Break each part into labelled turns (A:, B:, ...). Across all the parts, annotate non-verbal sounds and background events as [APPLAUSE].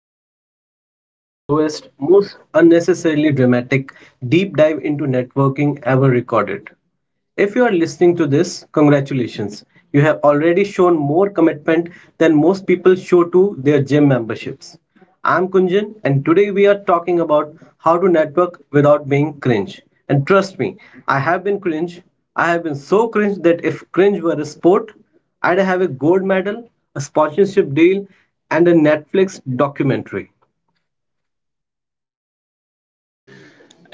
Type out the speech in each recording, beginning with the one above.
A: might be the longest, slowest, most unnecessarily dramatic deep dive into networking ever recorded. If you are listening to this, congratulations. You have already shown more commitment than most people show to their gym memberships. I'm Kunjan, and today we are talking about how to network without being cringe. And trust me, I have been cringe. I have been so cringe that if cringe were a sport, I'd have a gold medal, a sponsorship deal, and a Netflix documentary.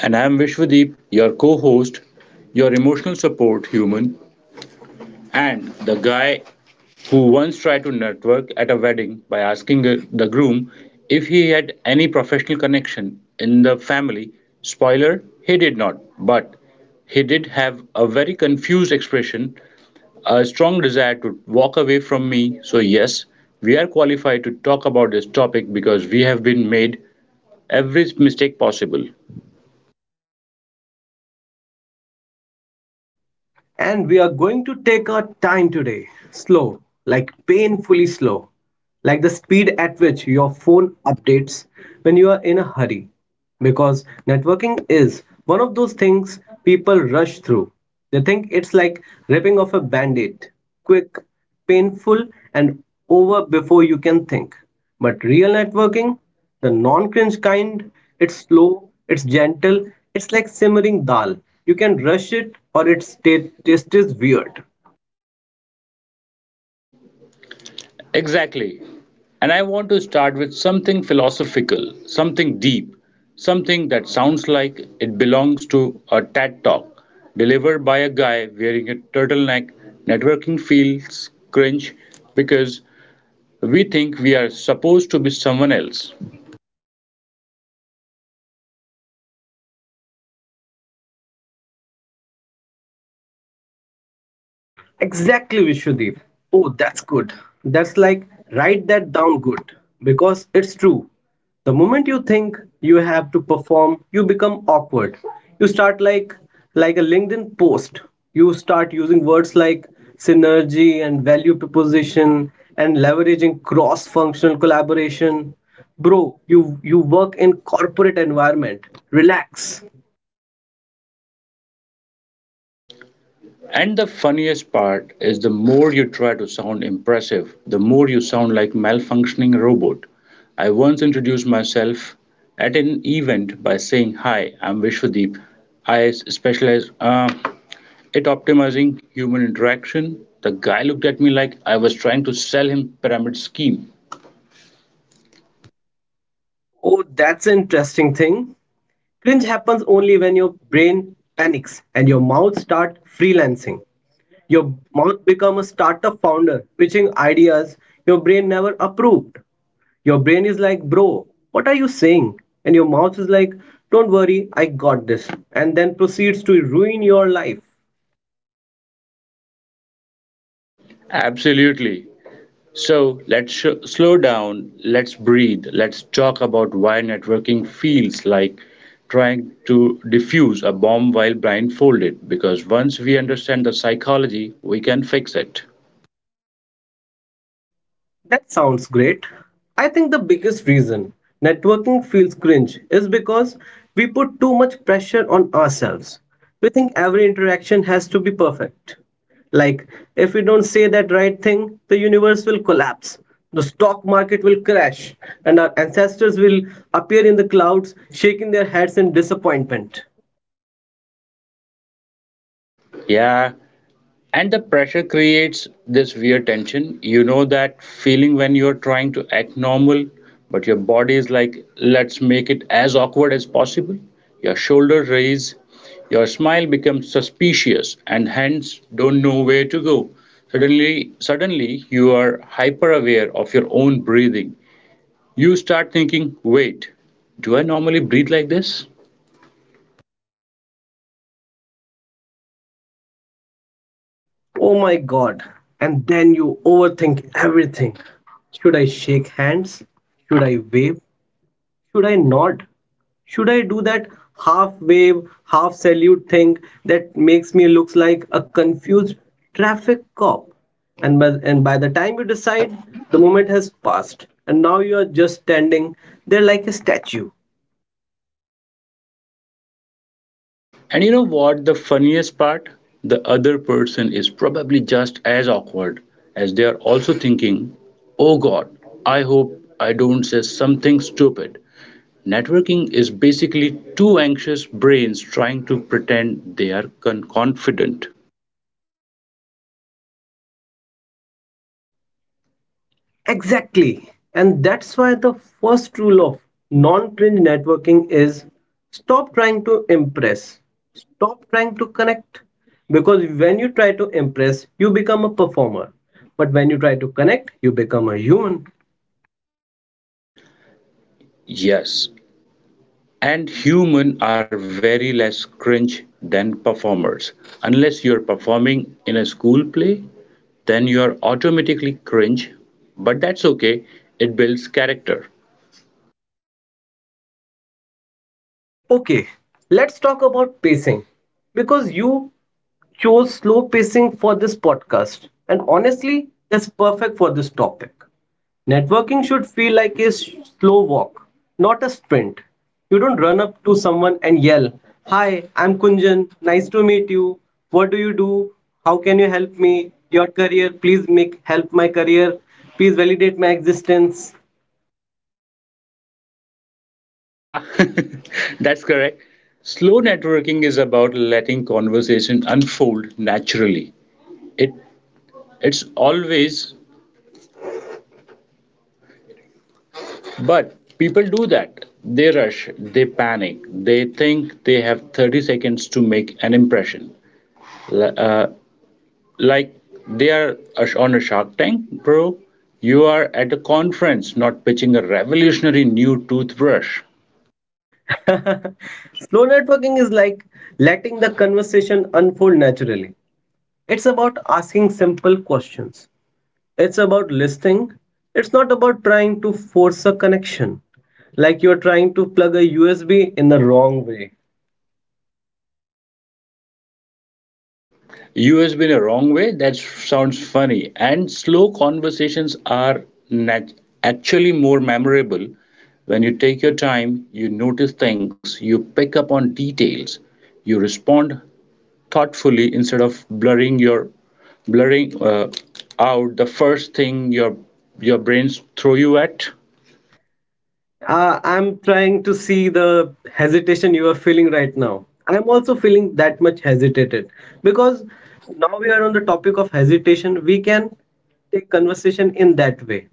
B: And I'm Vishwadeep, your co host, your emotional support human, and the guy who once tried to network at a wedding by asking the groom if he had any professional connection in the family. Spoiler, he did not, but he did have a very confused expression, a strong desire to walk away from me. So, yes, we are qualified to talk about this topic because we have been made every mistake possible.
A: And we are going to take our time today, slow, like painfully slow, like the speed at which your phone updates when you are in a hurry. Because networking is one of those things people rush through. They think it's like ripping off a band aid quick, painful, and over before you can think. But real networking the non cringe kind, it's slow, it's gentle, it's like simmering dal. You can rush it or its taste is weird.
B: Exactly. And I want to start with something philosophical, something deep, something that sounds like it belongs to a TED talk delivered by a guy wearing a turtleneck. Networking feels cringe because we think we are supposed to be someone else.
A: Exactly, Vishwadeep. Oh, that's good. That's like, write that down good. Because it's true. The moment you think you have to perform, you become awkward. You start like a LinkedIn post. You start using words like synergy and value proposition and leveraging cross-functional collaboration. Bro, you work in corporate environment. Relax.
B: And the funniest part is the more you try to sound impressive, the more you sound like malfunctioning robot. I once introduced myself at an event by saying, "Hi, I'm Vishwadeep. I specialize at optimizing human interaction." The guy looked at me like I was trying to sell him pyramid scheme.
A: Oh, that's an interesting thing. Cringe happens only when your brain panics and your mouth start freelancing. Your mouth become a startup founder pitching ideas your brain never approved. Your brain is like, "Bro, what are you saying?" And your mouth is like, "Don't worry, I got this." And then proceeds to ruin your life.
B: Absolutely. So slow down, let's breathe, let's talk about why networking feels like trying to defuse a bomb while blindfolded. Because once we understand the psychology, we can fix it.
A: That sounds great. I think the biggest reason networking feels cringe is because we put too much pressure on ourselves. We think every interaction has to be perfect. Like, if we don't say that right thing, the universe will collapse, the stock market will crash, and our ancestors will appear in the clouds, shaking their heads in disappointment.
B: Yeah, and the pressure creates this weird tension. You know that feeling when you're trying to act normal, but your body is like, let's make it as awkward as possible. Your shoulders raise, your smile becomes suspicious, and hence don't know where to go. Suddenly, you are hyper aware of your own breathing. You start thinking, wait, do I normally breathe like this?
A: Oh my god. And then you overthink everything. Should I shake hands? Should I wave? Should I not? Should I do that half wave, half salute thing that makes me looks like a confused traffic cop? And by the time you decide, the moment has passed, and now you are just standing there like a statue.
B: And you know what? The funniest part? The other person is probably just as awkward as they are also thinking, oh god, I hope I don't say something stupid. Networking is basically two anxious brains trying to pretend they are confident.
A: Exactly. And that's why the first rule of non cringe networking is stop trying to impress, stop trying to connect. Because when you try to impress, you become a performer. But when you try to connect, you become a human.
B: Yes, and humans are very less cringe than performers. Unless you're performing in a school play, then you're automatically cringe, but that's okay. It builds character.
A: Okay, let's talk about pacing. Because you chose slow pacing for this podcast, and honestly, that's perfect for this topic. Networking should feel like slow walk, not a sprint. You don't run up to someone and yell, "Hi, I'm Kunjan. Nice to meet you. What do you do? How can you help me? Your career, please make help my career. Please validate my existence."
B: Ah, [LAUGHS] that's correct. Slow networking is about letting conversation unfold naturally. It it's always but people do that. They rush, they panic, they think they have 30 seconds to make an impression. L- Uh, like they are on a Shark Tank, bro. You are at a conference, not pitching a revolutionary new toothbrush.
A: [LAUGHS] Slow networking is like letting the conversation unfold naturally. It's about asking simple questions. It's about listening. It's not about trying to force a connection, like you're trying to plug a USB in the wrong way.
B: You has been a wrong way. That sounds funny. And slow conversations are nat- actually more memorable when you take your time. You notice things. You pick up on details. You respond thoughtfully instead of blurring your blurring out the first thing your brains throw you at.
A: I'm trying to see the hesitation you are feeling right now. I'm also feeling that much hesitated because now we are on the topic of hesitation. We can take conversation in that way.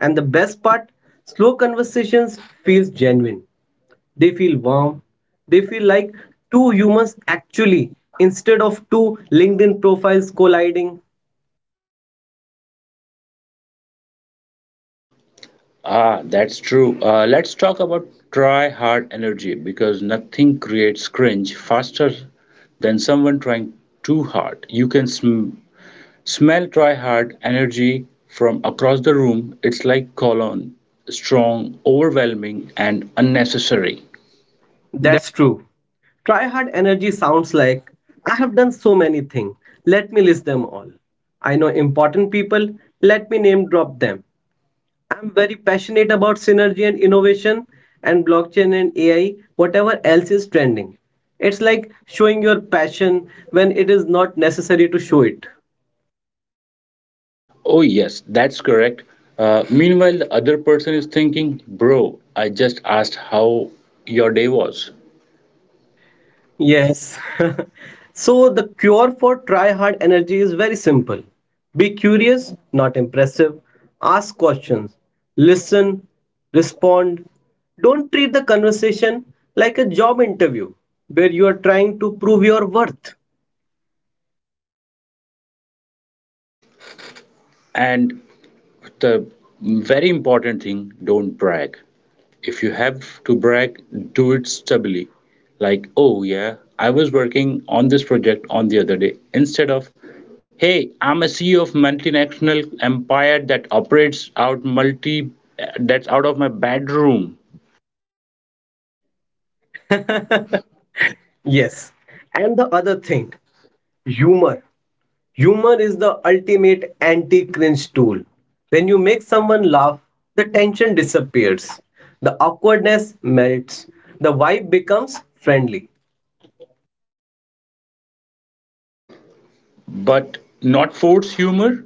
A: And the best part, slow conversations feels genuine. They feel warm. They feel like two humans actually, instead of two LinkedIn profiles colliding.
B: Ah, that's true. Let's talk about try hard energy because nothing creates cringe faster than someone trying too hard. You can smell try hard energy from across the room. It's like cologne, strong, overwhelming, and unnecessary.
A: That's true. Try hard energy sounds like I have done so many things. Let me list them all. I know important people. Let me name drop them. I'm very passionate about synergy and innovation and blockchain and AI, whatever else is trending. It's like showing your passion when it is not necessary to show it.
B: Oh, yes, that's correct. Meanwhile, the other person is thinking, bro, I just asked how your day was.
A: Yes. [LAUGHS] So the cure for try hard energy is very simple. Be curious, not impressive. Ask questions. Listen, respond. Don't treat the conversation like a job interview where you are trying to prove your worth.
B: And the very important thing, don't brag. If you have to brag, do it stably, like, oh yeah, I was working on this project on the other day, instead of, hey, I'm a CEO of multinational empire that operates out multi, that's out of my bedroom.
A: Yes. And the other thing, humor. Humor is the ultimate anti cringe tool. When you make someone laugh, the tension disappears, the awkwardness melts, the vibe becomes friendly.
B: But not force humor,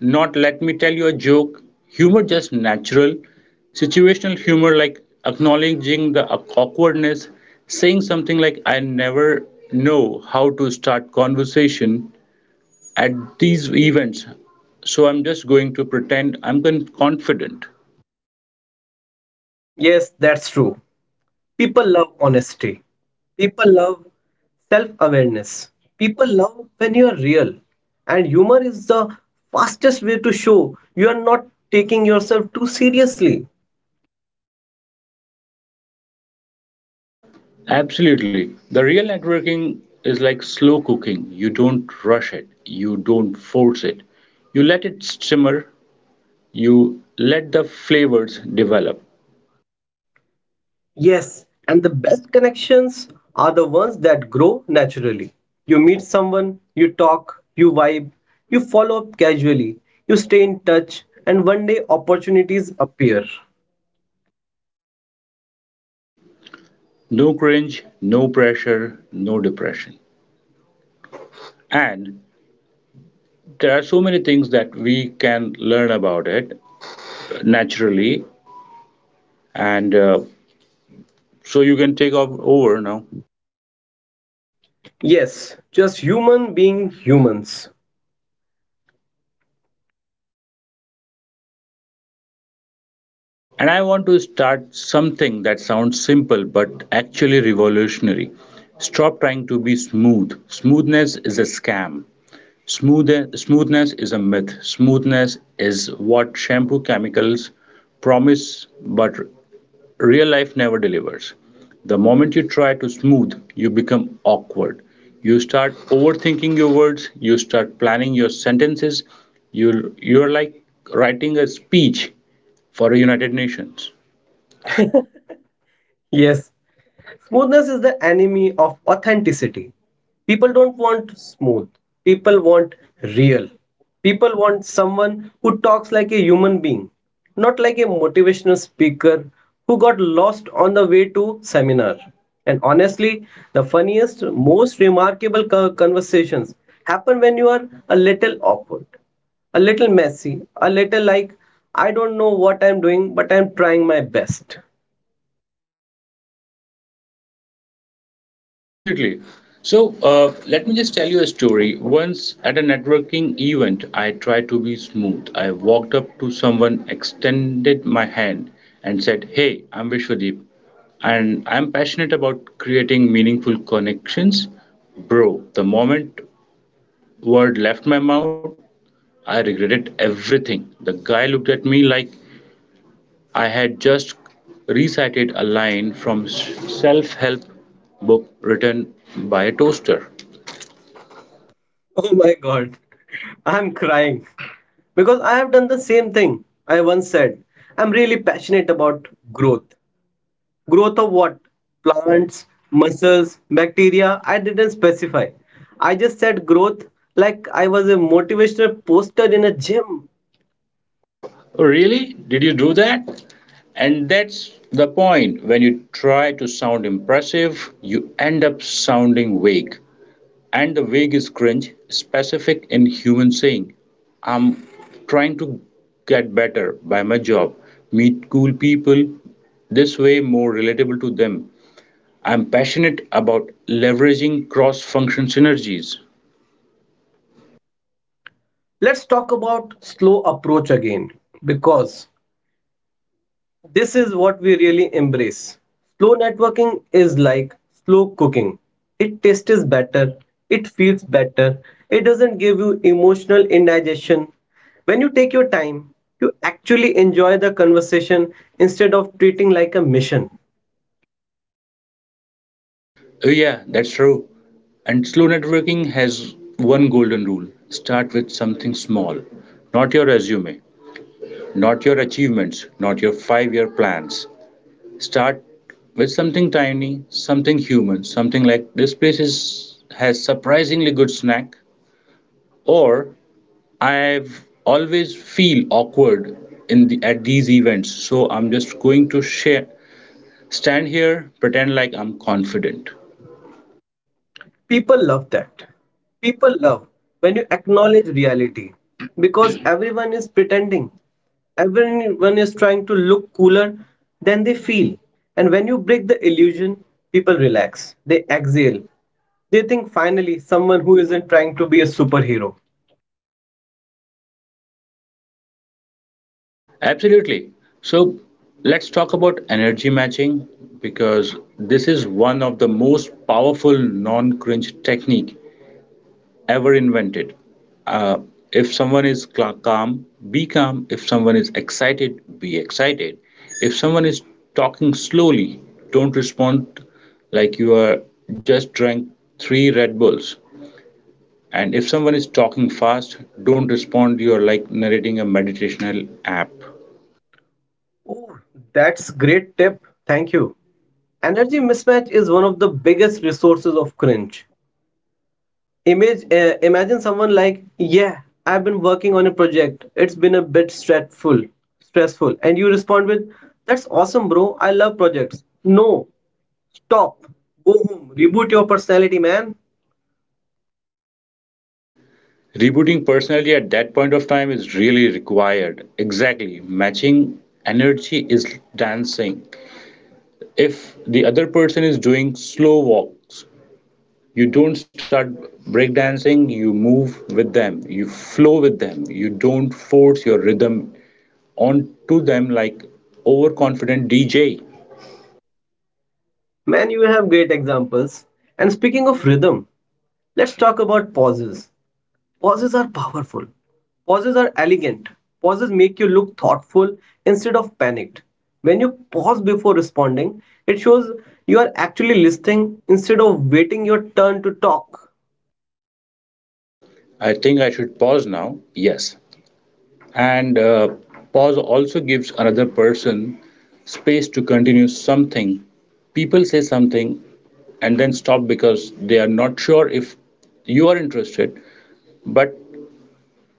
B: not let me tell you a joke. Humor just natural, situational humor like acknowledging the awkwardness, saying something like, I never know how to start conversation at these events. So I'm just going to pretend I'm confident.
A: Yes, that's true. People love honesty, people love self awareness, people love when you are real. And humor is the fastest way to show you are not taking yourself too seriously.
B: Absolutely. The real networking is like slow cooking. You don't rush it. You don't force it. You let it simmer. You let the flavors develop.
A: Yes, and the best connections are the ones that grow naturally. You meet someone, you talk, you vibe, you follow up casually, you stay in touch, and one day opportunities appear.
B: No cringe, no pressure, no depression. And there are so many things that we can learn about it naturally. And so you can take off over now.
A: Yes, just human being humans.
B: And I want to start something that sounds simple but actually revolutionary. Stop trying to be smooth. Smoothness is a scam. Smoothness is a myth. Smoothness is what shampoo chemicals promise but real life never delivers. The moment you try to smooth, you become awkward. You start overthinking your words, you start planning your sentences. You're like writing a speech for a United Nations.
A: Yes, smoothness is the enemy of authenticity. People don't want smooth, people want real. People want someone who talks like a human being, not like a motivational speaker who got lost on the way to seminar. And honestly, the funniest, most remarkable conversations happen when you are a little awkward, a little messy, a little like, I don't know what I'm doing, but I'm trying my best.
B: Absolutely. So let me just tell you a story. Once at a networking event, I tried to be smooth. I walked up to someone, extended my hand, and said, "Hey, I'm Vishwadeep, and I'm passionate about creating meaningful connections." Bro, the moment word left my mouth, I regretted everything. The guy looked at me like I had just recited a line from self-help book written by a toaster.
A: Oh my God, I'm crying because I have done the same thing. I once said, I'm really passionate about growth. Growth of what? Plants, muscles, bacteria. I didn't specify. I just said growth like I was a motivational poster in a gym.
B: "Oh, really? Did you do that?" And that's the point. When you try to sound impressive, you end up sounding vague. And the vague is cringe specific in human saying. I'm trying to get better by my job, meet cool people, this way more relatable to them. I am passionate about leveraging cross-function synergies.
A: Let's talk about slow approach again because this is what we really embrace. Slow networking is like slow cooking. It tastes better, it feels better, it doesn't give you emotional indigestion. When you take your time, you actually enjoy the conversation instead of treating like a mission.
B: Oh yeah, that's true. And slow networking has one golden rule. Start with something small. Not your resume, not your achievements, not your five-year plans. Start with something tiny, something human, something like this place is has surprisingly good snack, or I've always feel awkward in the at these events so I'm just going to share stand here, pretend like I'm confident.
A: People love that, people love when you acknowledge reality, because everyone is pretending, everyone is trying to look cooler than they feel, and when you break the illusion, people relax, they exhale, they think finally someone who isn't trying to be a superhero.
B: Absolutely. So let's talk about energy matching because this is one of the most powerful non-cringe technique ever invented. Uh, if someone is calm, be calm. If someone is excited, be excited. If someone is talking slowly, don't respond like you are just drank three Red Bulls. And if someone is talking fast, don't respond. You're like narrating a meditational app.
A: Oh, that's great tip, thank you. Energy mismatch is one of the biggest resources of cringe. Imagine someone like, yeah, I've been working on a project. It's been a bit stressful, and you respond with, "That's awesome, bro. I love projects." No, stop. Go home. Reboot your personality, man.
B: Rebooting personally at that point of time is really required. Exactly. Matching energy is dancing. If the other person is doing slow walks, you don't start breakdancing, you move with them, you flow with them, you don't force your rhythm onto them like overconfident DJ.
A: Man, you have great examples. And speaking of rhythm, let's talk about pauses. Pauses are powerful. Pauses are elegant. Pauses make you look thoughtful instead of panicked. When you pause before responding, it shows you are actually listening instead of waiting your turn to talk.
B: I think I should pause now. Yes. And pause also gives another person space to continue something. People say something and then stop because they are not sure if you are interested. But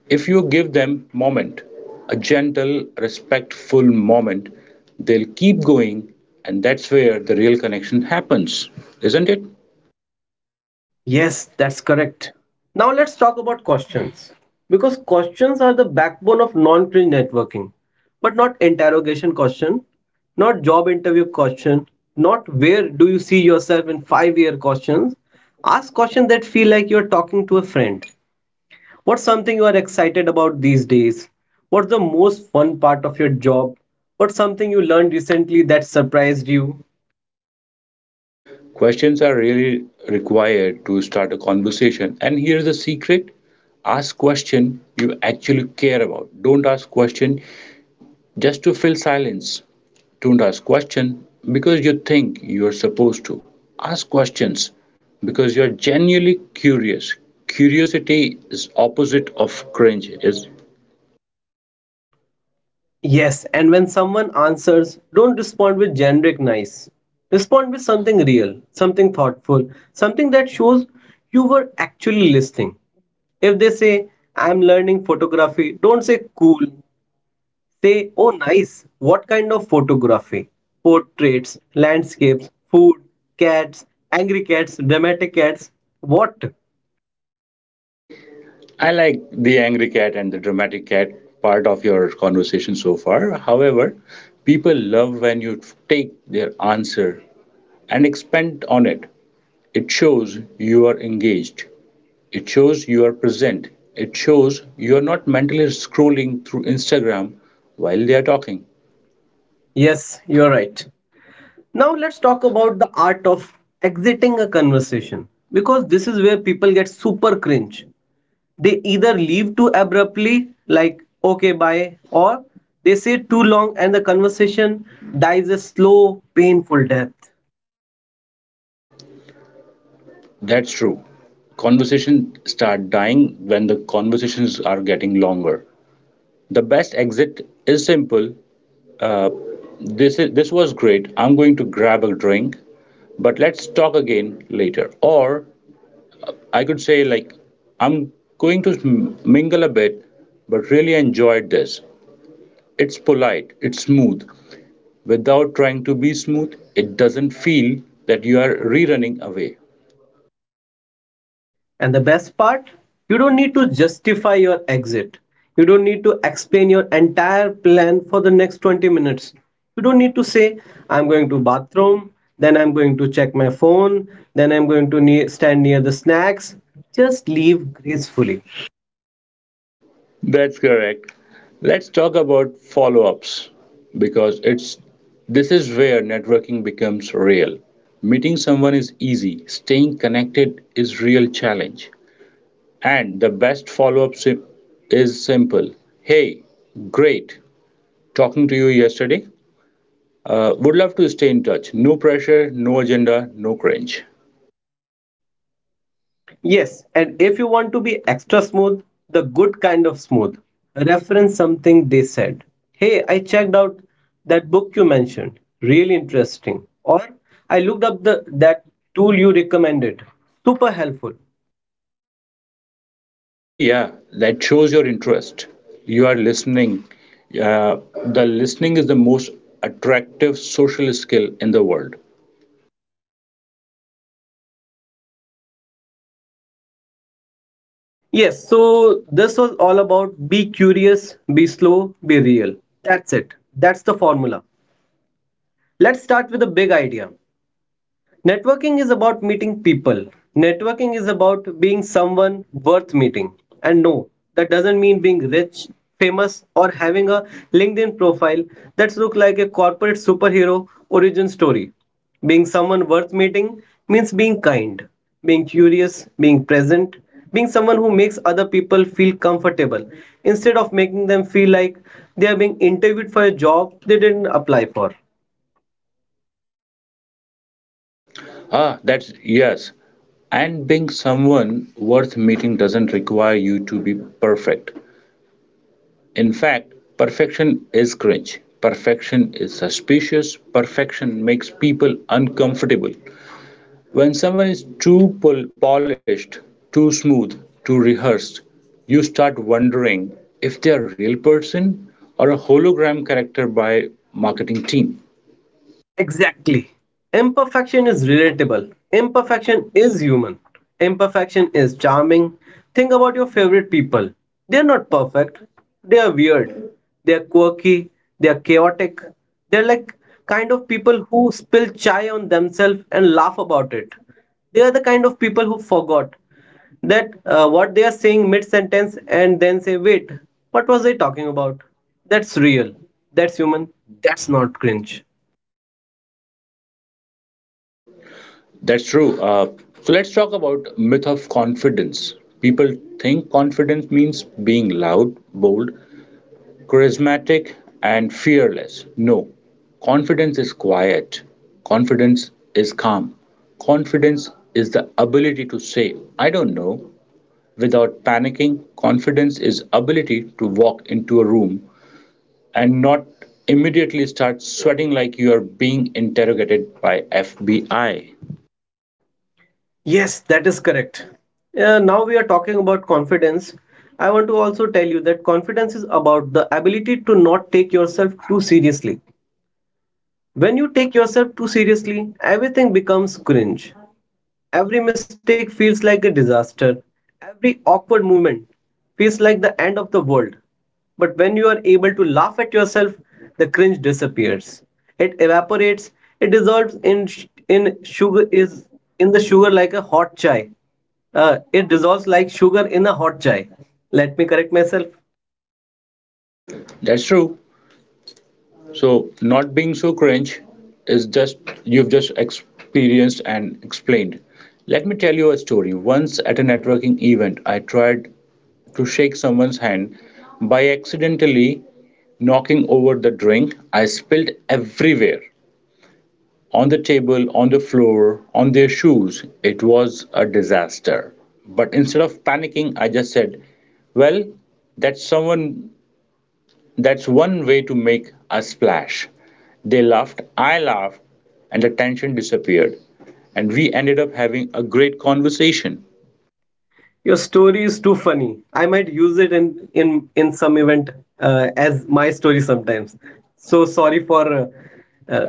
B: if you give them moment, a gentle, respectful moment, they'll keep going, and that's where the real connection happens, isn't it?
A: Yes, that's correct. Now let's talk about questions. Because questions are the backbone of non-cringe networking. But not interrogation question, not job interview question, not where do you see yourself in five-year questions. Ask questions that feel like you're talking to a friend. What's something you are excited about these days? What's the most fun part of your job? What's something you learned recently that surprised you?
B: Questions are really required to start a conversation. And here's the secret, ask question you actually care about. Don't ask question just to fill silence. Don't ask question because you think you're supposed to. Ask questions because you're genuinely curious. Curiosity is opposite of cringe. Is
A: Yes, and when someone answers, don't respond with generic nice. Respond with something real, something thoughtful, something that shows you were actually listening. If they say, I'm learning photography, don't say cool. Say, oh, nice. What kind of photography? Portraits, landscapes, food, cats, angry cats, dramatic cats. What?
B: I like the angry cat and the dramatic cat part of your conversation so far. However, people love when you take their answer and expand on it. It shows you are engaged. It shows you are present. It shows you are not mentally scrolling through Instagram while they are talking.
A: Yes, you're right. Now let's talk about the art of exiting a conversation because this is where people get super cringe. They either leave too abruptly, like okay, bye, or they say too long and the conversation dies a slow, painful death.
B: That's true. Conversations start dying when the conversations are getting longer. The best exit is simple. Uh, this was great. I'm going to grab a drink, but let's talk again later. Or I could say like, I'm going to mingle a bit, but really enjoyed this. It's polite, it's smooth. Without trying to be smooth, it doesn't feel that you are rerunning away.
A: And the best part, you don't need to justify your exit. You don't need to explain your entire plan for the next 20 minutes. You don't need to say, I'm going to bathroom, then I'm going to check my phone, then I'm going to ne- stand near the snacks. Just leave gracefully.
B: That's correct. Let's talk about follow-ups because it's this is where networking becomes real. Meeting someone is easy, staying connected is real challenge. And the best is simple. Hey, great talking to you yesterday. Would love to stay in touch. No pressure, no agenda, no cringe.
A: Yes, and if you want to be extra smooth, the good kind of smooth, reference something they said. Hey, I checked out that book you mentioned. Really interesting. Or I looked up the that tool you recommended. Super helpful.
B: Oh, yeah, that shows your interest. You are listening. Uh, the listening is the most attractive social skill in the world.
A: Yes, so this was all about be curious, be slow, be real. That's it. That's the formula. Let's start with a big idea. Networking is about meeting people. Networking is about being someone worth meeting. And no, that doesn't mean being rich, famous, or having a LinkedIn profile that looks like a corporate superhero origin story. Being someone worth meeting means being kind, being curious, being present, being someone who makes other people feel comfortable instead of making them feel like they are being interviewed for a job they didn't apply for.
B: Ah, that's yes. And being someone worth meeting doesn't require you to be perfect. In fact, perfection is cringe. Perfection is suspicious. Perfection makes people uncomfortable. When someone is too polished, too smooth, too rehearsed, you start wondering if they're a real person or a hologram character by marketing team.
A: Exactly. Imperfection is relatable. Imperfection is human. Imperfection is charming. Think about your favorite people. They're not perfect. They are weird. They're quirky. They're chaotic. They're like kind of people who spill chai on themselves and laugh about it. They are the kind of people who forgot that what they are saying mid sentence and then say, wait, what was I talking about? That's real. That's human. That's not cringe.
B: That's true. So let's talk about myth of confidence. People think confidence means being loud, bold, charismatic, and fearless. No, confidence is quiet. Confidence is calm. Confidence is the ability to say, I don't know, without panicking. Confidence is ability to walk into a room and not immediately start sweating like you are being interrogated by FBI.
A: Yes, that is correct. Now we are talking about confidence. I want to also tell you that confidence is about the ability to not take yourself too seriously. When you take yourself too seriously, everything becomes cringe. Every mistake feels like a disaster. Every awkward movement feels like the end of the world. But when you are able to laugh at yourself, the cringe disappears. It evaporates. It dissolves in sh- in sugar is in the sugar like a hot chai. It dissolves like sugar in a hot chai. Let me correct myself.
B: That's true. So not being so cringe is just you've just experienced and explained. Let me tell you a story. Once at a networking event, I tried to shake someone's hand by accidentally knocking over the drink I spilled everywhere. On the table, on the floor, on their shoes. It was a disaster. But instead of panicking, I just said, well, that's someone that's one way to make a splash. They laughed, I laughed, and the tension disappeared. And we ended up having a great conversation.
A: Your story is too funny. I might use it in some event as my story sometimes. So sorry for uh,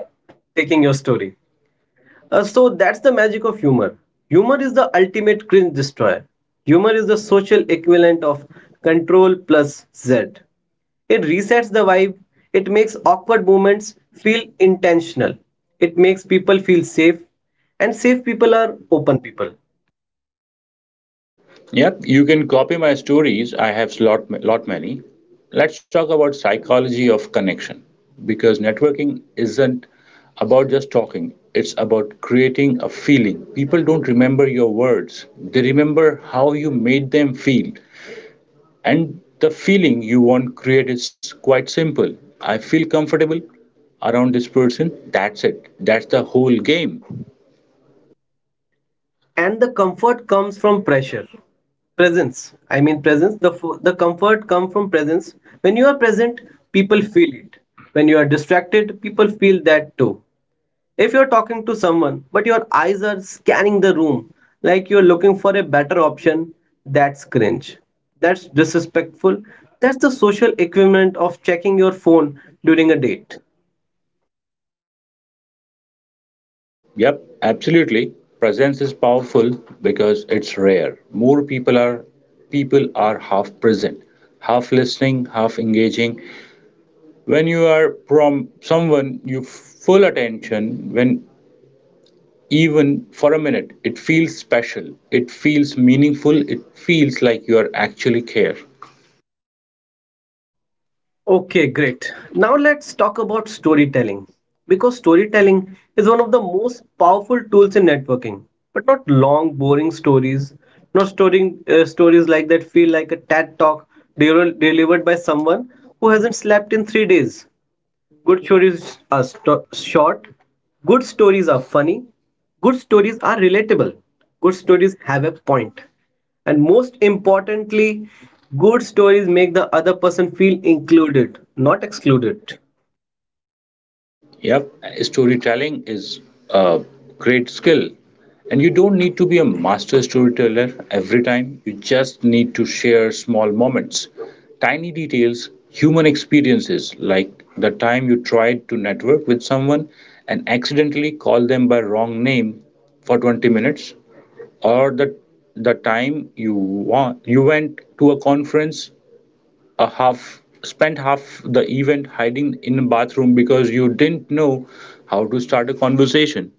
A: taking your story. So that's the magic of humor. Humor is the ultimate cringe destroyer. Humor is the social equivalent of control plus Z. It resets the vibe. It makes awkward moments feel intentional. It makes people feel safe, and safe people are open people.
B: Yep, you can copy my stories. I have lot many. Let's talk about psychology of connection because networking isn't about just talking. It's about creating a feeling. People don't remember your words. They remember how you made them feel. And the feeling you want to create is quite simple. I feel comfortable around this person. That's it. That's the whole game.
A: And the comfort comes from pressure presence I mean presence, the comfort comes from presence. When you are present, people feel it. When you are distracted, people feel that too. If you're talking to someone but your eyes are scanning the room, like you're looking for a better option, that's cringe, that's disrespectful, that's the social equivalent of checking your phone during a date.
B: Yep, absolutely. Presence is powerful because it's rare. More people are half present, half listening, half engaging. When you are from someone you full attention when even for a minute it feels special, it feels meaningful, it feels like you are actually care.
A: Okay, great. Now let's talk about storytelling because storytelling is one of the most powerful tools in networking, but not long, boring stories, not storing stories like that feel like a TED talk delivered by someone who hasn't slept in 3 days. Good stories are short. Good stories are funny. Good stories are relatable. Good stories have a point. And most importantly, good stories make the other person feel included, not excluded.
B: Yep, storytelling is a great skill. And you don't need to be a master storyteller every time. You just need to share small moments, tiny details, human experiences, like the time you tried to network with someone and accidentally called them by wrong name for 20 minutes, or the time you went to a conference a half spent half the event hiding in a bathroom because you didn't know how to start a conversation.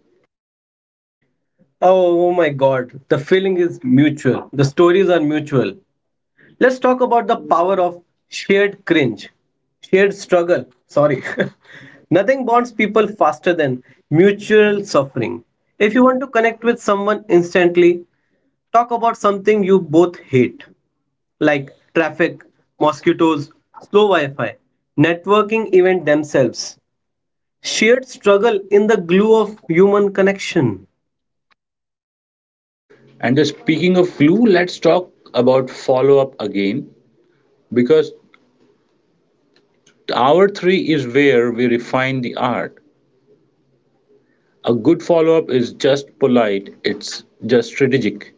A: Oh, my god, the feeling is mutual. The stories are mutual. Let's talk about the power of shared cringe, shared struggle. Sorry. [LAUGHS] Nothing bonds people faster than mutual suffering. If you want to connect with someone instantly, talk about something you both hate, like traffic, mosquitoes, slow Wi Fi, networking event themselves. Shared struggle in the glue of human connection.
B: And the speaking of flu, let's talk about follow up again because hour three is where we refine the art. A good follow up is just polite, it's just strategic.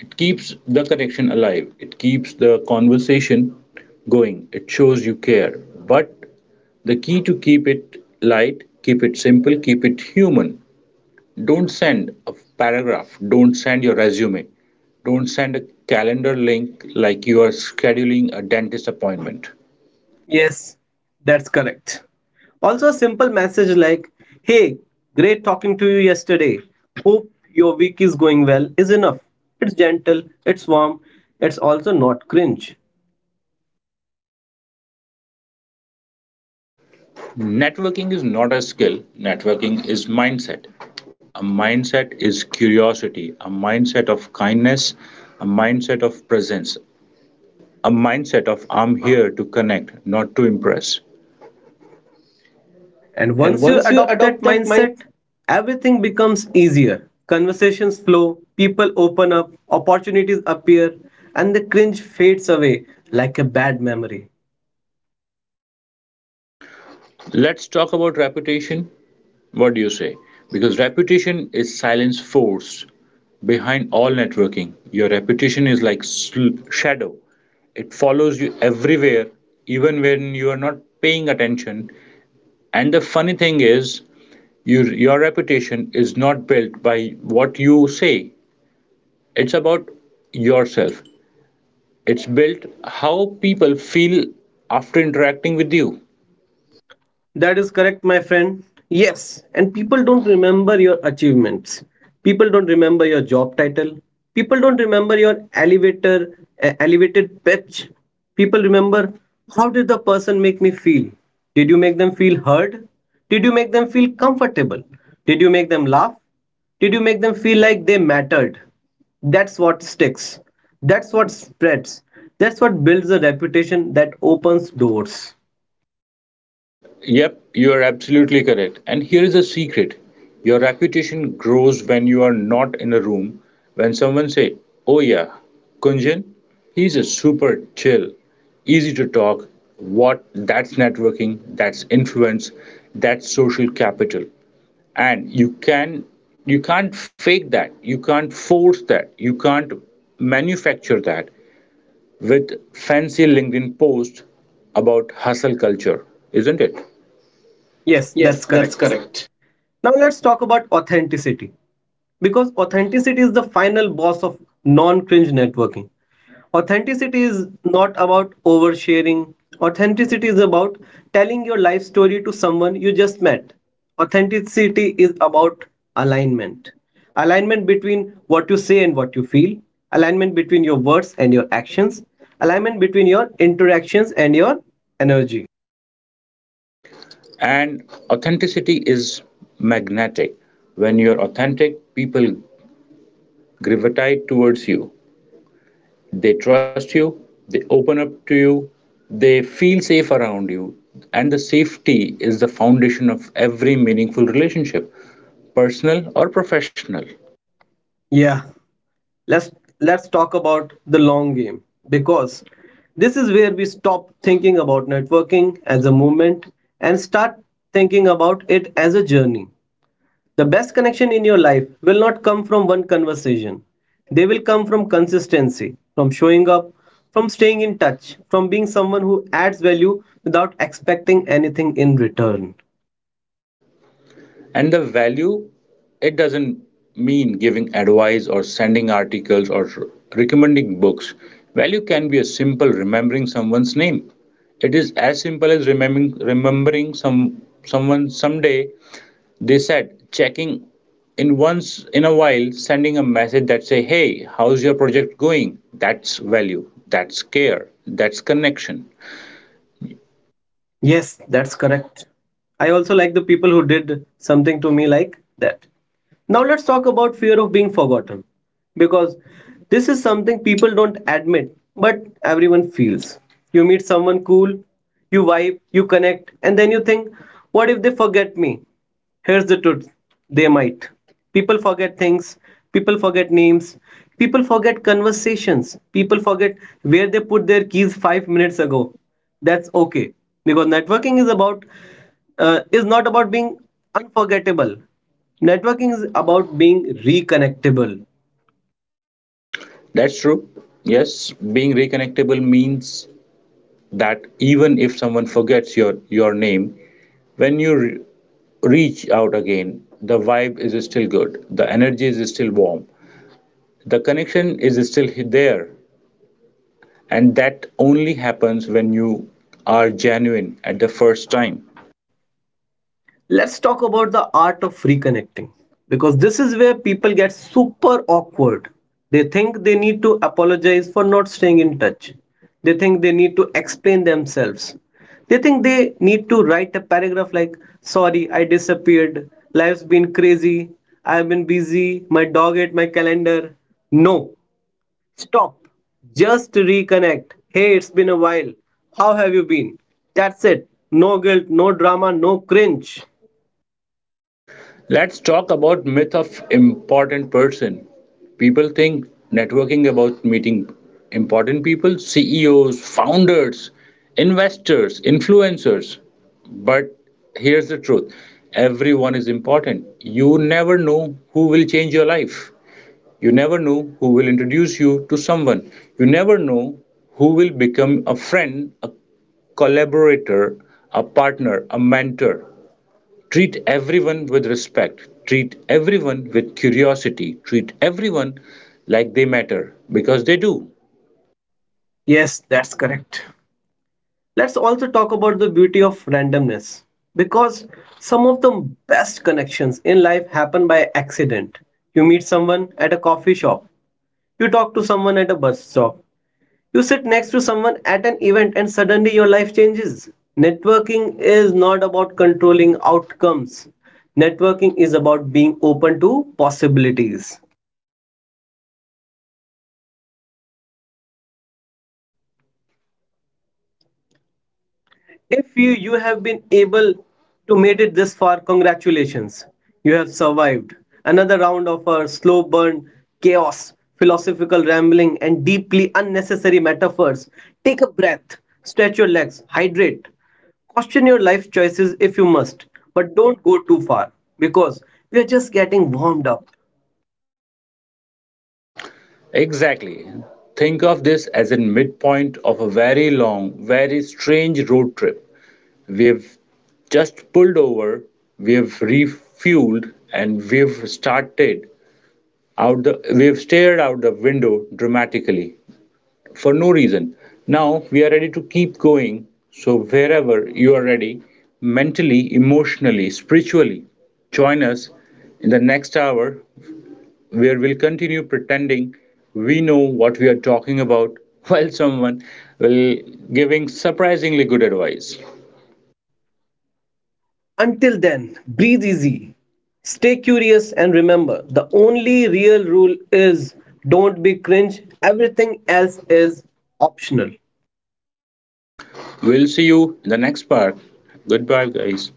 B: It keeps the connection alive, it keeps the conversation going, it shows you care. But the key to keep it light, keep it simple, keep it human. Don't send a paragraph, don't send your resume, don't send a calendar link like you are scheduling a dentist appointment.
A: Yes, that's correct. Also, a simple message like, hey, great talking to you yesterday. Hope your week is going well is enough. It's gentle, it's warm, it's also not cringe.
B: Networking is not a skill, networking is mindset. A mindset is curiosity, a mindset of kindness, a mindset of presence, a mindset of I'm here to connect, not to impress.
A: And
B: And
A: once you
B: once you
A: adopt that
B: adopt that mindset,
A: mindset, everything becomes easier. Conversations flow, people open up, opportunities appear, and the cringe fades away like a bad memory.
B: let's talk about reputation. What do you say? Because reputation is silence forced. Behind all networking, your reputation is like shadow. It follows you everywhere, even when you are not paying attention. And the funny thing is, your reputation is not built by what you say, it's about yourself. It's built how people feel after interacting with you.
A: That is correct, my friend. Yes, and people don't remember your achievements. People don't remember your job title. People don't remember your elevated pitch. People remember, how did the person make me feel? Did you make them feel heard? Did you make them feel comfortable? Did you make them laugh? Did you make them feel like they mattered? That's what sticks. That's what spreads. That's what builds a reputation that opens doors.
B: Yep, you are absolutely correct. And here is a secret. Your reputation grows when you are not in a room. When someone say, "Oh yeah, Kunjan, he's a super chill, easy to talk." What that's networking, that's influence, that's social capital. And you can't fake that. You can't force that. You can't manufacture that with fancy LinkedIn post about hustle culture, isn't it?
A: Yes,
B: Yes,
A: that's
B: that's
A: correct.
B: correct.
A: Now let's talk about authenticity because authenticity is the final boss of non cringe networking. Authenticity is not about oversharing, authenticity is about telling your life story to someone you just met. Authenticity is about alignment, alignment between what you say and what you feel, alignment between your words and your actions, alignment between your interactions and your energy.
B: And authenticity is magnetic. When you're authentic, people gravitate towards you. They trust you, they open up to you, they feel safe around you. And the safety is the foundation of every meaningful relationship, personal or professional.
A: Yeah, let's let's talk about the long game because this is where we stop thinking about networking as a movement and start thinking about it as a journey. The best connection in your life will not come from one conversation. They will come from consistency, from showing up, from staying in touch, from being someone who adds value without expecting anything in return.
B: And the value, it doesn't mean giving advice or sending articles or recommending books. Value can be as simple remembering someone's name. It is as simple as remembering some someone someday they said, checking in once in a while, sending a message that say, hey, how's your project going? That's value, that's care, that's connection.
A: Yes, that's correct. I also like the people who did something to me like that. Now let's talk about fear of being forgotten because this is something people don't admit but everyone feels. You meet someone cool, you vibe, you connect, and then you think, what if they forget me? Here's the truth, they might. People forget things, people forget names, people forget conversations, people forget where they put their keys 5 minutes ago. That's okay because networking is about is not about being unforgettable. Networking is about being reconnectable.
B: That's true. Yes, being reconnectable means that even if someone forgets your name, when you reach out again, the vibe is still good, the energy is still warm, the connection is still there. And that only happens when you are genuine at the first time.
A: Let's talk about the art of reconnecting because this is where people get super awkward. They think they need to apologize for not staying in touch, they think they need to explain themselves, they think they need to write a paragraph like, sorry I disappeared, life's been crazy, I've been busy, my dog ate my calendar. No. Stop. Just reconnect, hey, it's been a while, how have you been? That's it. No guilt, no drama, no cringe.
B: Let's talk about myth of important person. People think networking about meeting important people, CEOs, founders, investors, influencers. But here's the truth. Everyone is important. You never know who will change your life. You never know who will introduce you to someone. You never know who will become a friend, a collaborator, a partner, a mentor. Treat everyone with respect. Treat everyone with curiosity. Treat everyone like they matter because they do.
A: Yes, that's correct. Let's also talk about the beauty of randomness because some of the best connections in life happen by accident. You meet someone at a coffee shop, you talk to someone at a bus stop, you sit next to someone at an event, and suddenly your life changes. Networking is not about controlling outcomes, networking is about being open to possibilities. If you, you have been able to made it this far, congratulations. You have survived another round of our slow burn, chaos, philosophical rambling, and deeply unnecessary metaphors. Take a breath, stretch your legs, hydrate. Question your life choices if you must, but don't go too far because we are just getting warmed up.
B: Exactly. Think of this as a midpoint of a very long, very strange road trip. We've just pulled over, we've refueled, and out the we've stared out the window dramatically for no reason. Now we are ready to keep going. So, wherever you are ready, mentally, emotionally, spiritually, join us in the next hour where we'll continue pretending we know what we are talking about [LAUGHS] while someone will giving surprisingly good advice.
A: Until then, breathe easy, stay curious, and remember, the only real rule is don't be cringe, everything else is optional.
B: We'll see you in the next part. Goodbye, guys.